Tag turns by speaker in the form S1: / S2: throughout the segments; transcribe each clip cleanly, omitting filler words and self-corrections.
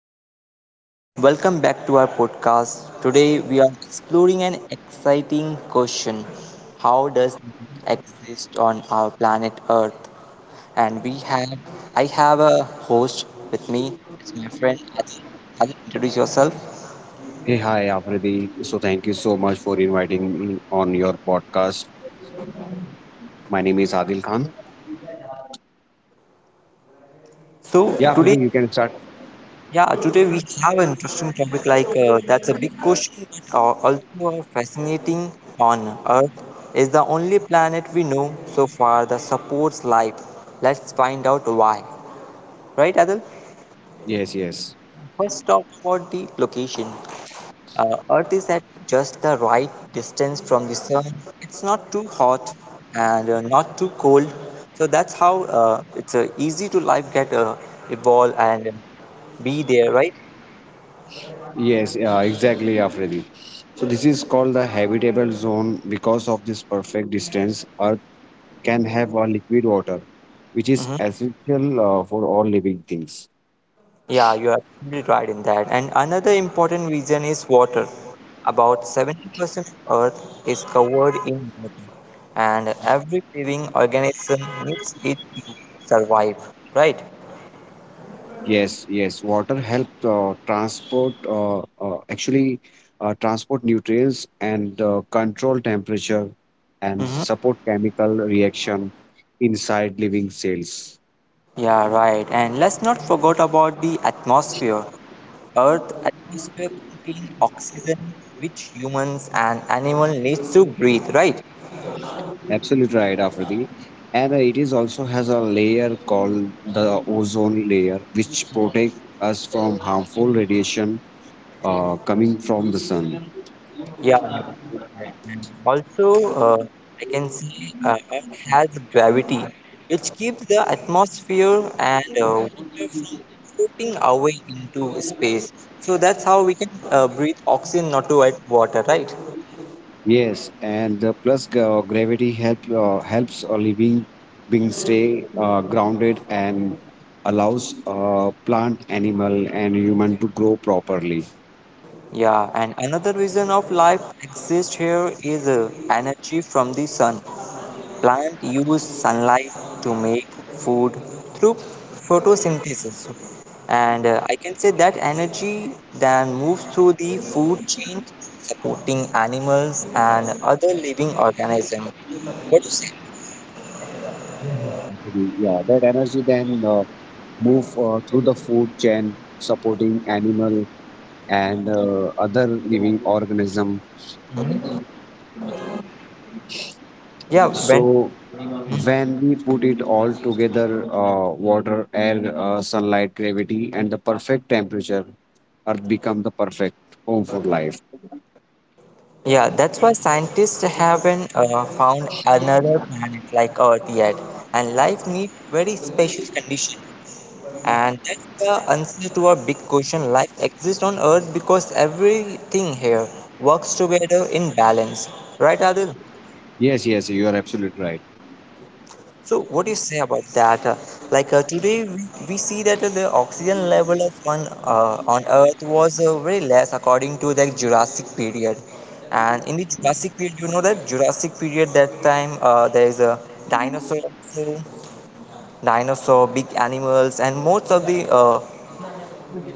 S1: Hello, everyone. Welcome back to our podcast. Today, we are exploring an exciting question: How does life exist on our planet Earth? And we have, I have a host with me. It's my friend. Adil, introduce yourself.
S2: Hey, hi, Afridi. So, thank you so much for inviting me on your podcast. My name is Adil Khan.
S1: So,
S2: Yeah,
S1: today
S2: Afridi, you can start.
S1: Yeah, today we have an interesting topic like that's a big question, but also a fascinating one. Earth is the only planet we know so far that supports life. Let's find out why. Right, Adil?
S2: Yes, yes.
S1: First, talk about the location. Earth is at just the right distance from the sun. It's not too hot and not too cold. So that's how it's easy to life get evolve and be there, right?
S2: Yes, yeah, exactly, Afridi. So, this is called the habitable zone because of this perfect distance, Earth can have a liquid water, which is
S1: Mm-hmm.
S2: essential for all living things.
S1: Yeah, you are absolutely right in that. And another important reason is water. About 70% of Earth is covered in water, and every living organism needs it to survive, right?
S2: Yes, yes. Water help actually, transport nutrients and control temperature and
S1: Hmm.
S2: support chemical reaction inside living cells.
S1: Yeah, right. And let's not forget about the atmosphere. Earth atmosphere contains oxygen, which humans and animals need to breathe, right?
S2: Absolutely right, Afridi. And it is also has a layer called the ozone layer, which protect us from harmful radiation coming from the sun.
S1: Yeah. And also, I can see Earth has gravity, which keeps the atmosphere and water from floating away into space. So that's how we can breathe oxygen, not to add water, right?
S2: Yes, and plus gravity helps a living being stay grounded and allows plant, animal, and human to grow properly.
S1: Yeah, and another reason of life exists here is energy from the sun. Plants use sunlight to make food through photosynthesis. And I can say that energy then moves through the food chain, supporting animals and other living organisms. What do you say?
S2: Actually, yeah, that energy then move through the food chain, supporting animal and other living organism.
S1: Mhm. Yeah, when
S2: So when we put it all together, water, air, sunlight, gravity, and the perfect temperature, earth become the perfect home for life.
S1: yeah, that's why scientists haven't found another planet like Earth yet, and life needs very special conditions. And that's the answer to our big question: life exists on Earth because everything here works together in balance. Right, Adil?
S2: Yes, yes, you are absolutely right.
S1: So, what do you say about that? Like today, we see that the oxygen level on Earth was very less according to the Jurassic period. And in the Jurassic period, you know that Jurassic period, that time there is a dinosaur, dinosaur, big animals, and most of the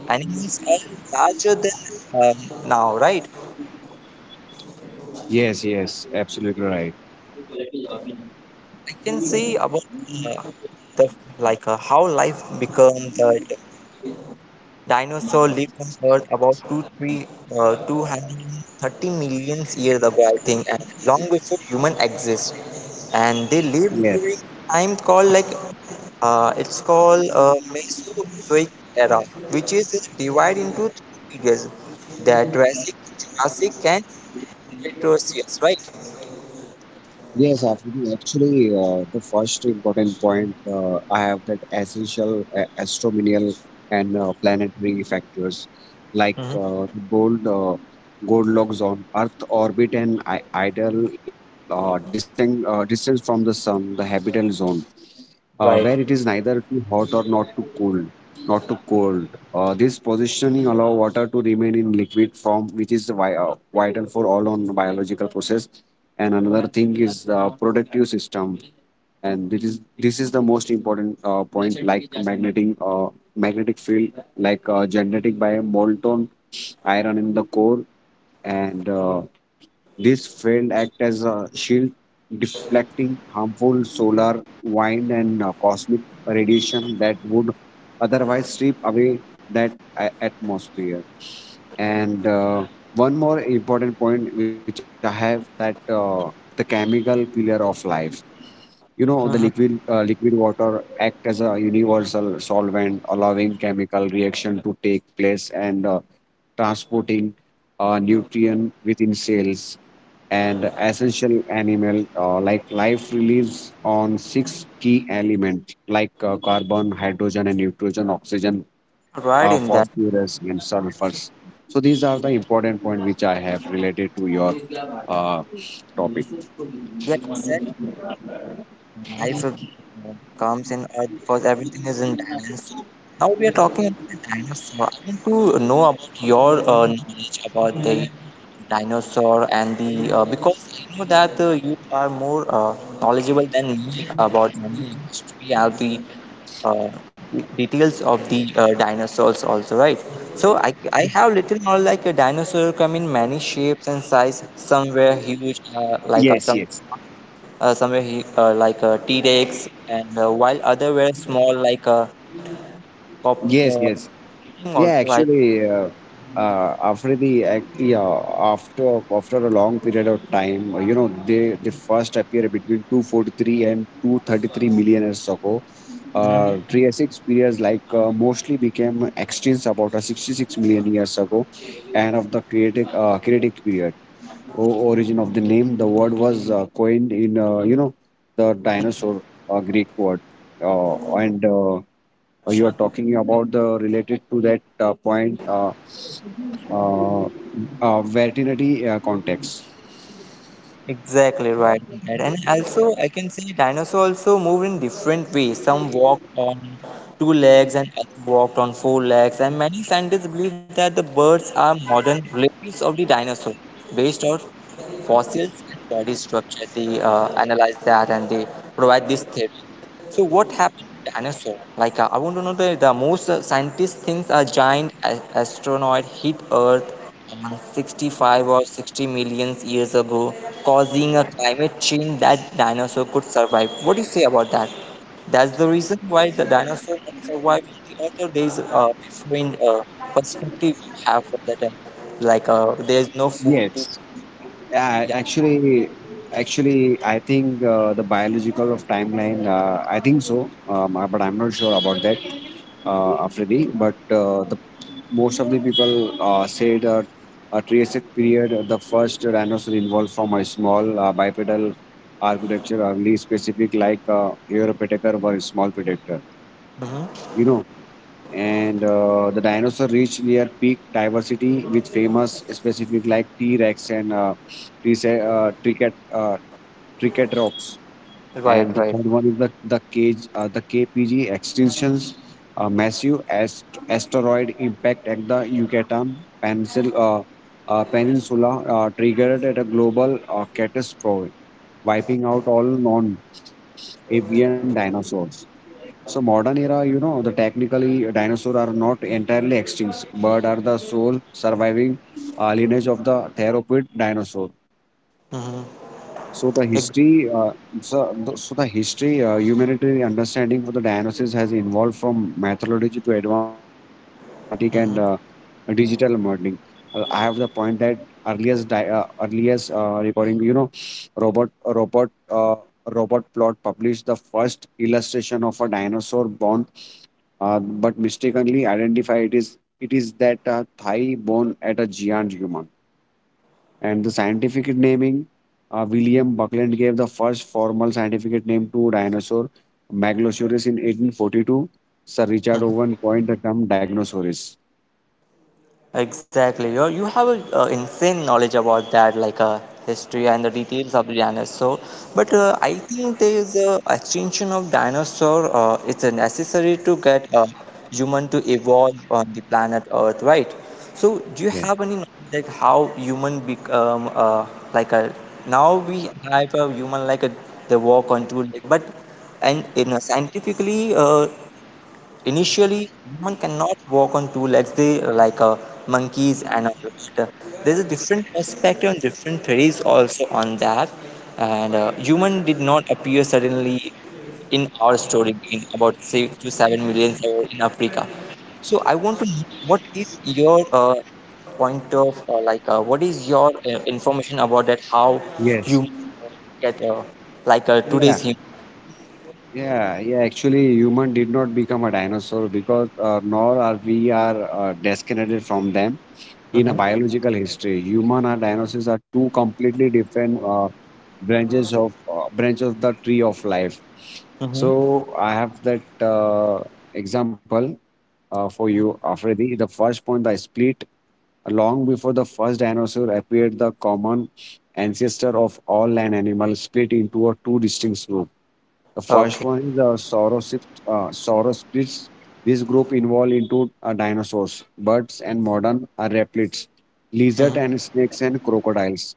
S1: animals are larger than now, right?
S2: Yes, yes, absolutely right.
S1: I can say about uh, the like how life became that dinosaur lived on Earth about 230 million years ago, I think, and long before human exist. And they lived
S2: Yes.
S1: during time called like it's called Mesozoic era, which is divided into three periods: the Triassic, Jurassic, and Cretaceous, right?
S2: Yes, Afridi, actually, the first important point I have that essential astronomical and planetary factors, like
S1: Mhm.
S2: the Goldilocks zone, Earth orbit, and I- idle distant distance from the sun, the habitable zone,
S1: Right.
S2: where it is neither too hot or not too cold. This positioning allow water to remain in liquid form, which is vital for all on biological process. And another thing is the protective system, and this is the most important point, like magnetic field, like generated by molten iron in the core. And this field act as a shield, deflecting harmful solar wind and cosmic radiation that would otherwise strip away that atmosphere. And one more important point which I have that the chemical pillar of life. You know, the
S1: Mhm.
S2: liquid water act as a universal solvent, allowing chemical reaction to take place and transporting nutrient within cells. And essential animal like life relies on six key elements like carbon, hydrogen, and nitrogen, oxygen,
S1: Right in that.
S2: phosphorus, and sulfurs. So these are the important point which I have related to your uh, topic.
S1: Yeah, exactly. Life comes in Earth because everything is in balance. Now we are talking about the dinosaur. I want to know about your knowledge about the dinosaur and the because I know that you are more knowledgeable than me about animal history and the uh, details of the dinosaurs also, right? So I have little more like a dinosaur come in many shapes and size. Some were huge, like
S2: Yes,
S1: some
S2: yes.
S1: somewhere he, like T-Rex, and while other were small like a pop
S2: Yes,
S1: uh,
S2: yes.
S1: thing
S2: Yeah,
S1: also like
S2: actually, after the ac- yeah, after after a long period of time, you know, they first appear between 243 and 233 million years ago.
S1: Mhm.
S2: Triassic periods like mostly became extinct about 66 million years ago, and of the Cretic Creatic period. Origin of the name, the word was coined in, you know, the dinosaur, Greek word, and you are talking about the related to that point, uh, veterinary context.
S1: Exactly right. Right. And also I can say dinosaur also move in different ways. Some walked on two legs and others walked on four legs. And many scientists believe that the birds are modern relatives of the dinosaur, based on fossils and body structure. They analyze that and they provide this theory. So what happened to dinosaur? Like I want to know the most scientists think a giant asteroid hit Earth on 65 or 60 million years ago, causing a climate change that dinosaur could survive. What do you say about that? That's the reason why the dinosaur could survive in the other days, a different perspective we have for that. Like there's no food to
S2: Yes, uh,
S1: yeah.
S2: actually, actually, I think the biological of timeline. I think so, but I'm not sure about that, Afridi. But the most of the people say that a Triassic period, the first dinosaur evolved from a small bipedal architecture, early specific like Europateker were small predator.
S1: Hmm.
S2: You know, and the dinosaur reached their peak diversity with famous specific like t-rex and Trice- uh, Tricat, uh, triceratops.
S1: Right,
S2: And the
S1: right.
S2: third one is the kpg extinctions, massive asteroid impact at the yucatan pencil, uh, peninsula, triggered at a global catastrophe, wiping out all non avian dinosaurs. So modern era, you know, the technically dinosaur are not entirely extinct, but are the sole surviving lineage of the theropod dinosaur.
S1: Mm-hmm.
S2: So the
S1: Ex-
S2: history, uh, Humanitarian understanding for the dinosaurs has evolved from methodology to advanced genetic and
S1: mm-hmm.
S2: digital modeling. I have the point that earliest recording. You know, robot robot uh, robot plot published the first illustration of a dinosaur born, but mistakenly identify it is that thigh bone at a giant human. And the scientific naming, William Buckland gave the first formal scientific name to dinosaur Megalosaurus in 1842. Sir Richard
S1: Mm-hmm.
S2: Owen coined the term Dinosaurus.
S1: Exactly. You have a insane knowledge about that, like history and the details of the dinosaur. But I think there is a extinction of dinosaur. It's necessary to get a human to evolve on the planet Earth, right? So do you
S2: Yeah.
S1: have any knowledge like how human become like a now we have a human like a they walk on two legs, but and in a scientifically initially, human cannot walk on two legs. They are like monkeys and a rat. There's a different perspective and different theories also on that. And human did not appear suddenly in our story being about 6 to 7 million years in Africa. So I want to know what is your point of like what is your information about that how
S2: Yes.
S1: you get like
S2: Yeah,
S1: today's human.
S2: yeah, yeah. Actually, human did not become a dinosaur, because nor are we are disconnected from them in a
S1: Hmm.
S2: biological history. Human and dinosaurs are two completely different branch of the tree of life.
S1: Hmm.
S2: So I have that example for you, Afridi. The first point, the split long before the first dinosaur appeared, the common ancestor of all land animals split into a two distinct groups. The first
S1: Okay.
S2: one is saurosid, saurosplids. This group involved into dinosaurs, birds, and modern reptiles, lizard
S1: Hmm.
S2: and snakes and crocodiles.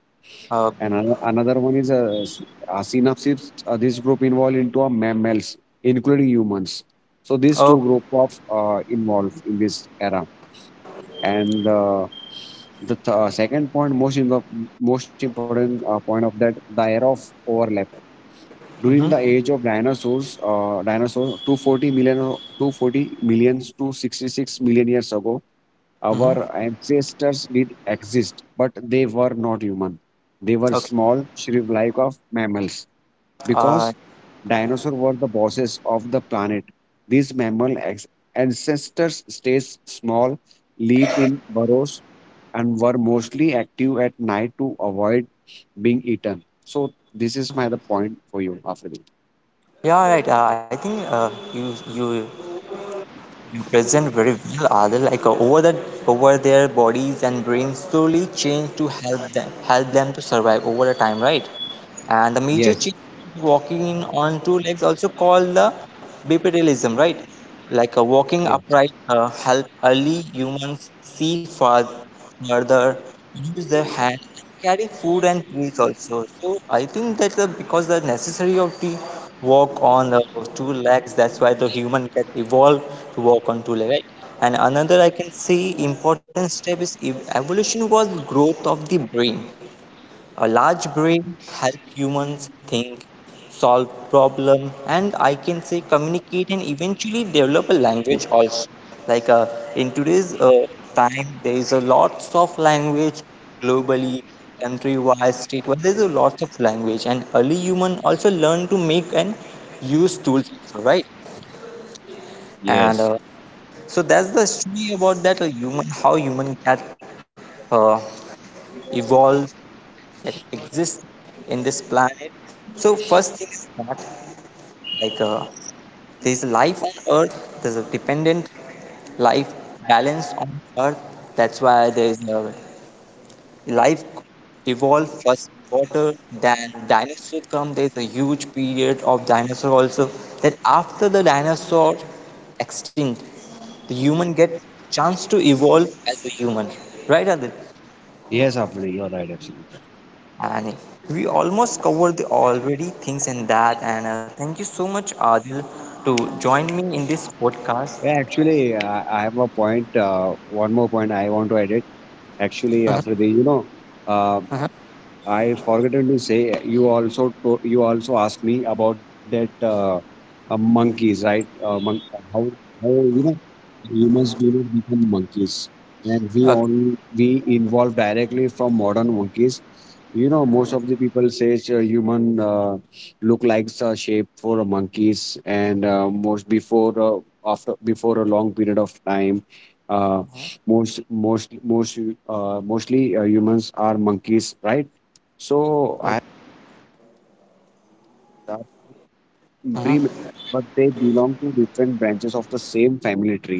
S2: And
S1: Okay.
S2: another one is synapsids. This group involved into mammals, including humans. So these two group of involved in this era. And second point, most important point of that, the era of overlap during the
S1: Mm-hmm.
S2: age of dinosaurs, 240 million, 240 millions to 66 million years ago,
S1: Mm-hmm.
S2: our ancestors did exist, but they were not human. They were
S1: Okay.
S2: small, shrimp-like of mammals.
S1: Uh,
S2: Because dinosaurs were the bosses of the planet, these mammal ancestors stayed small, lived in burrows, and were mostly active at night to avoid being eaten. So this is my the point for you, Afri.
S1: yeah, right. I think you present very well, Adil. Like over the over their bodies and brains slowly change to help them to survive over the time, right? And the
S2: Yes.
S1: major change walking on two legs also called the bipedalism, right? Like a
S2: Yeah.
S1: walking upright help early humans see far further, use their hand, carry food and trees also. So I think that's because the necessary of the walk on two legs. That's why the human get evolved to walk on two legs, right? And another I can say important step is evolution was growth of the brain a large brain help humans think, solve problem, and I can say communicate and eventually develop a language also. Like in today's time, there is a lots of language globally, country-wise, state-wise. There is a lot of language, and early human also learn to make and use tools, also, right? And
S2: Yes.
S1: so that's the story about that human, how human can uh, evolve that exists in this planet. So first thing is that like there's a life on Earth. There's a dependent life balance on Earth. That's why there's a life evolved first water. Then dinosaur come. There's a huge period of dinosaur also. Then after the dinosaur extinct, the human get chance to evolve as a human. Right, Adit?
S2: Yes, Afli, you're right. Absolutely.
S1: And we almost covered the already things in that. And thank you so much, Adil, to join me in this podcast.
S2: Yeah, actually, I have a point. One more point I want to edit. Actually, Afri, you know, uh, I forgotten to say you also to, you also asked me about that monkeys, right? How how you know humans do not become monkeys, and we
S1: Okay.
S2: only we involve directly from modern monkeys. You know, most of the people says human look like a shape for a monkeys, and most before after before a long period of time. Uh, most most most mostly, humans are monkeys, right? So I have pre
S1: Mhm,
S2: but they belong to different branches of the same family tree.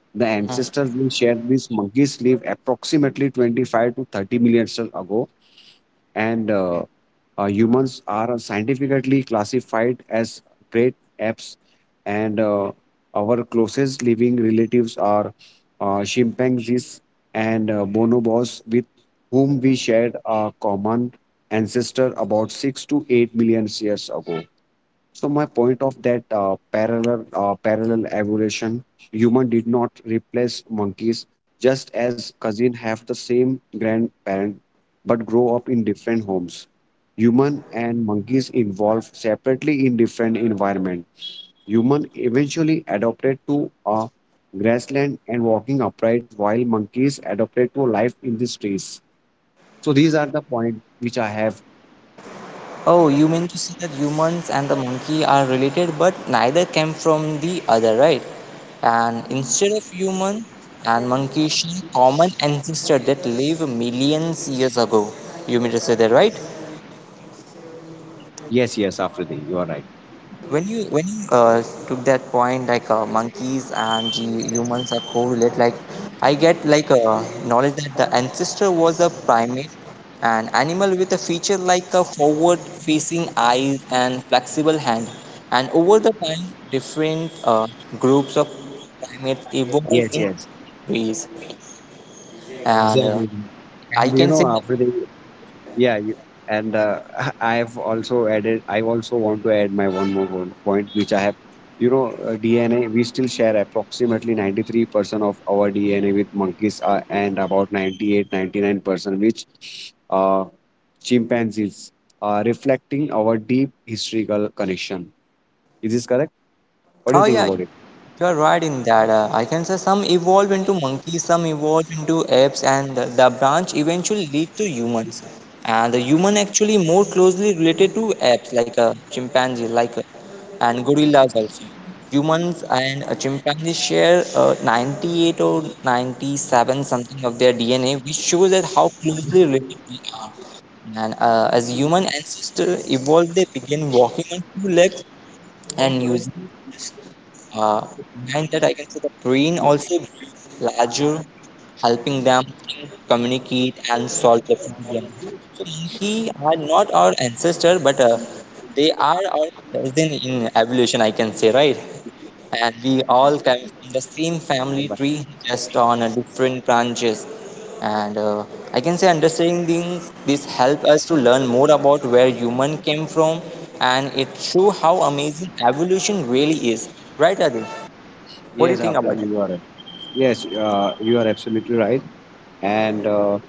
S2: The
S1: mhm.
S2: ancestors we shared these monkeys live approximately 25 to 30 million years ago, and humans are scientifically classified as great apes, and our closest living relatives are chimpanzees and bonobos, with whom we shared a common ancestor about 6 to 8 million years ago. So my point of that parallel evolution, human did not replace monkeys, just as cousin have the same grandparent but grow up in different homes. Human and monkeys evolve separately in different environment. Human eventually adopted to a grassland and walking upright, while monkeys adopted to life in the streets. So these are the point which I have.
S1: Oh, you mean to say that humans and the monkey are related, but neither came from the other, right? And instead of human and monkey, share common ancestor that lived millions years ago. You mean to say that, right?
S2: Yes, yes, after the you are right.
S1: When you took that point, like monkeys and the humans are correlate, like I get like knowledge that the ancestor was a primate, an animal with a feature like a forward-facing eyes and flexible hand. And over the time, different groups of primates
S2: Yes,
S1: evolved
S2: yes.
S1: in ways.
S2: Exactly.
S1: And
S2: And you know,
S1: I can
S2: after
S1: say,
S2: the
S1: that,
S2: yeah, you, and I've also added. I also want to add my one more one point, which I have. You know, DNA. We still share approximately 93% of our DNA with monkeys, and about 98, 99% which uh, chimpanzees, reflecting our deep historical connection. Is this correct? What do you
S1: oh
S2: think
S1: yeah,
S2: about it?
S1: you are right in that. I can say some evolve into monkeys, some evolve into apes, and the branch eventually lead to humans. And the human actually more closely related to apes, like a chimpanzee, like a, and gorillas also. Humans and chimpanzees share 98 or 97 something of their DNA, which shows that how closely related we are. And as human ancestors evolved, they began walking on two legs and using uh, behind that, I can say the brain also becomes larger, helping them think, communicate, and solve the problem. So monkey are not our ancestor, but they are our cousin in evolution, I can say, right? And we all come from the same family tree, just on a different branches. And I can say understanding this help us to learn more about where human came from, and it show how amazing evolution really is, right, Adil? What do you think
S2: Yes,
S1: about
S2: after
S1: it?
S2: you are right. Yes, you are absolutely right. And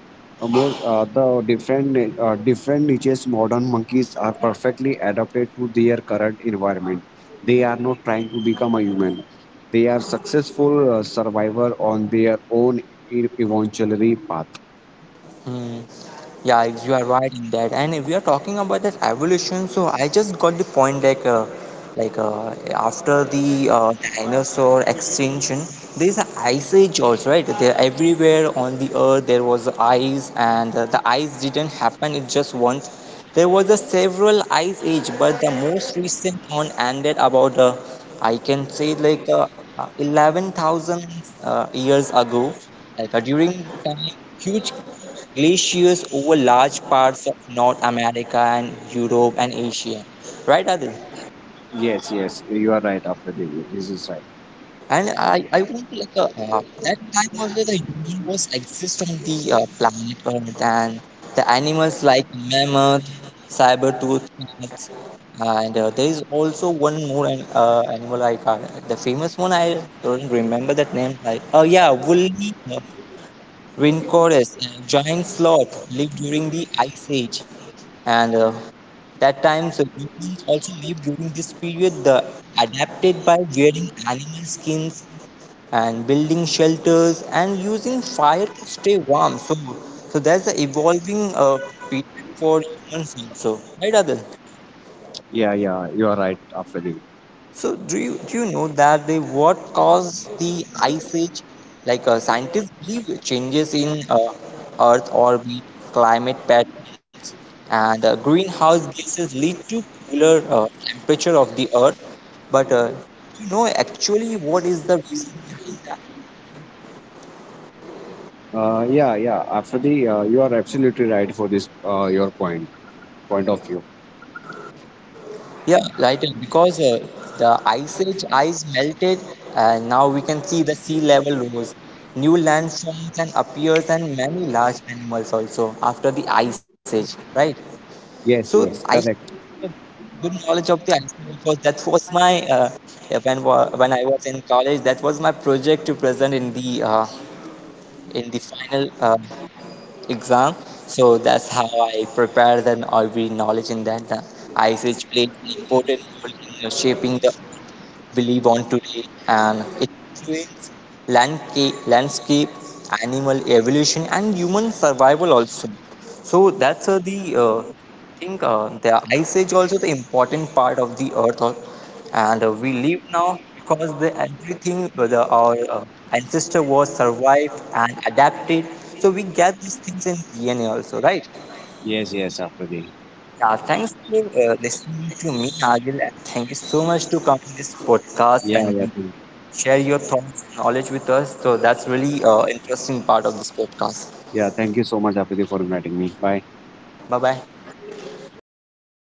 S2: most the different different niches modern monkeys are perfectly adapted to their current environment. They are not trying to become a human. They are successful survivor on their own evolutionary path.
S1: Hmm. Yeah, you are right in that. And if we are talking about that evolution, so I just got the point like after the dinosaur extinction, there's an ice age also, right? There everywhere on the Earth there was ice, and the ice didn't happen. It just once. There was a several ice age, but the most recent one ended about I can say like 11,000 years ago. Like during time huge glaciers over large parts of North America and Europe and Asia. Right, Adil?
S2: Yes, yes, you are right, after the this is right.
S1: And I want to like that time also the human was exist on the planet Earth and the animals like mammoth, saber tooth cats, and there is also one more animal I can't, the famous one I don't remember that name. Like, oh yeah, woolly uh, rhinoceros, giant sloth lived during the ice age and that time, so humans also lived during this period. The adapted by wearing animal skins and building shelters and using fire to stay warm. So that's the evolving period for humans also, right, Adil?
S2: Yeah, yeah, you are right, after the,
S1: So do you know that the what caused the ice age? Like scientists believe changes in Earth orbit, climate patterns, and greenhouse gases lead to cooler temperature of the Earth. But do you know actually what is the reason behind
S2: yeah, yeah, after the, you are absolutely right for this, your point of view.
S1: Yeah, right. Because the ice age ice melted, and now we can see the sea level rose. New landforms and appears, and many large animals also after the ice age, right? So
S2: Yes,
S1: I
S2: yes, correct.
S1: have good knowledge of the ice age because that was when I was in college. That was my project to present in the final exam. So that's how I prepared and every knowledge in that. The ice age played an important role in shaping the we live on today and it influences landscape, animal evolution, and human survival also. So that's the think the ice age also the important part of the Earth, and we live now because the everything our ancestor was survived and adapted. So we get these things in DNA also, right?
S2: Yes, yes, after the.
S1: Yeah, thanks for listening to me, Agil, and thank you so much to come in this podcast
S2: Yeah,
S1: and
S2: yeah.
S1: share your thoughts and knowledge with us. So that's really interesting part of this podcast.
S2: Yeah, thank you so much, Apiti, for inviting me. Bye.
S1: Bye bye.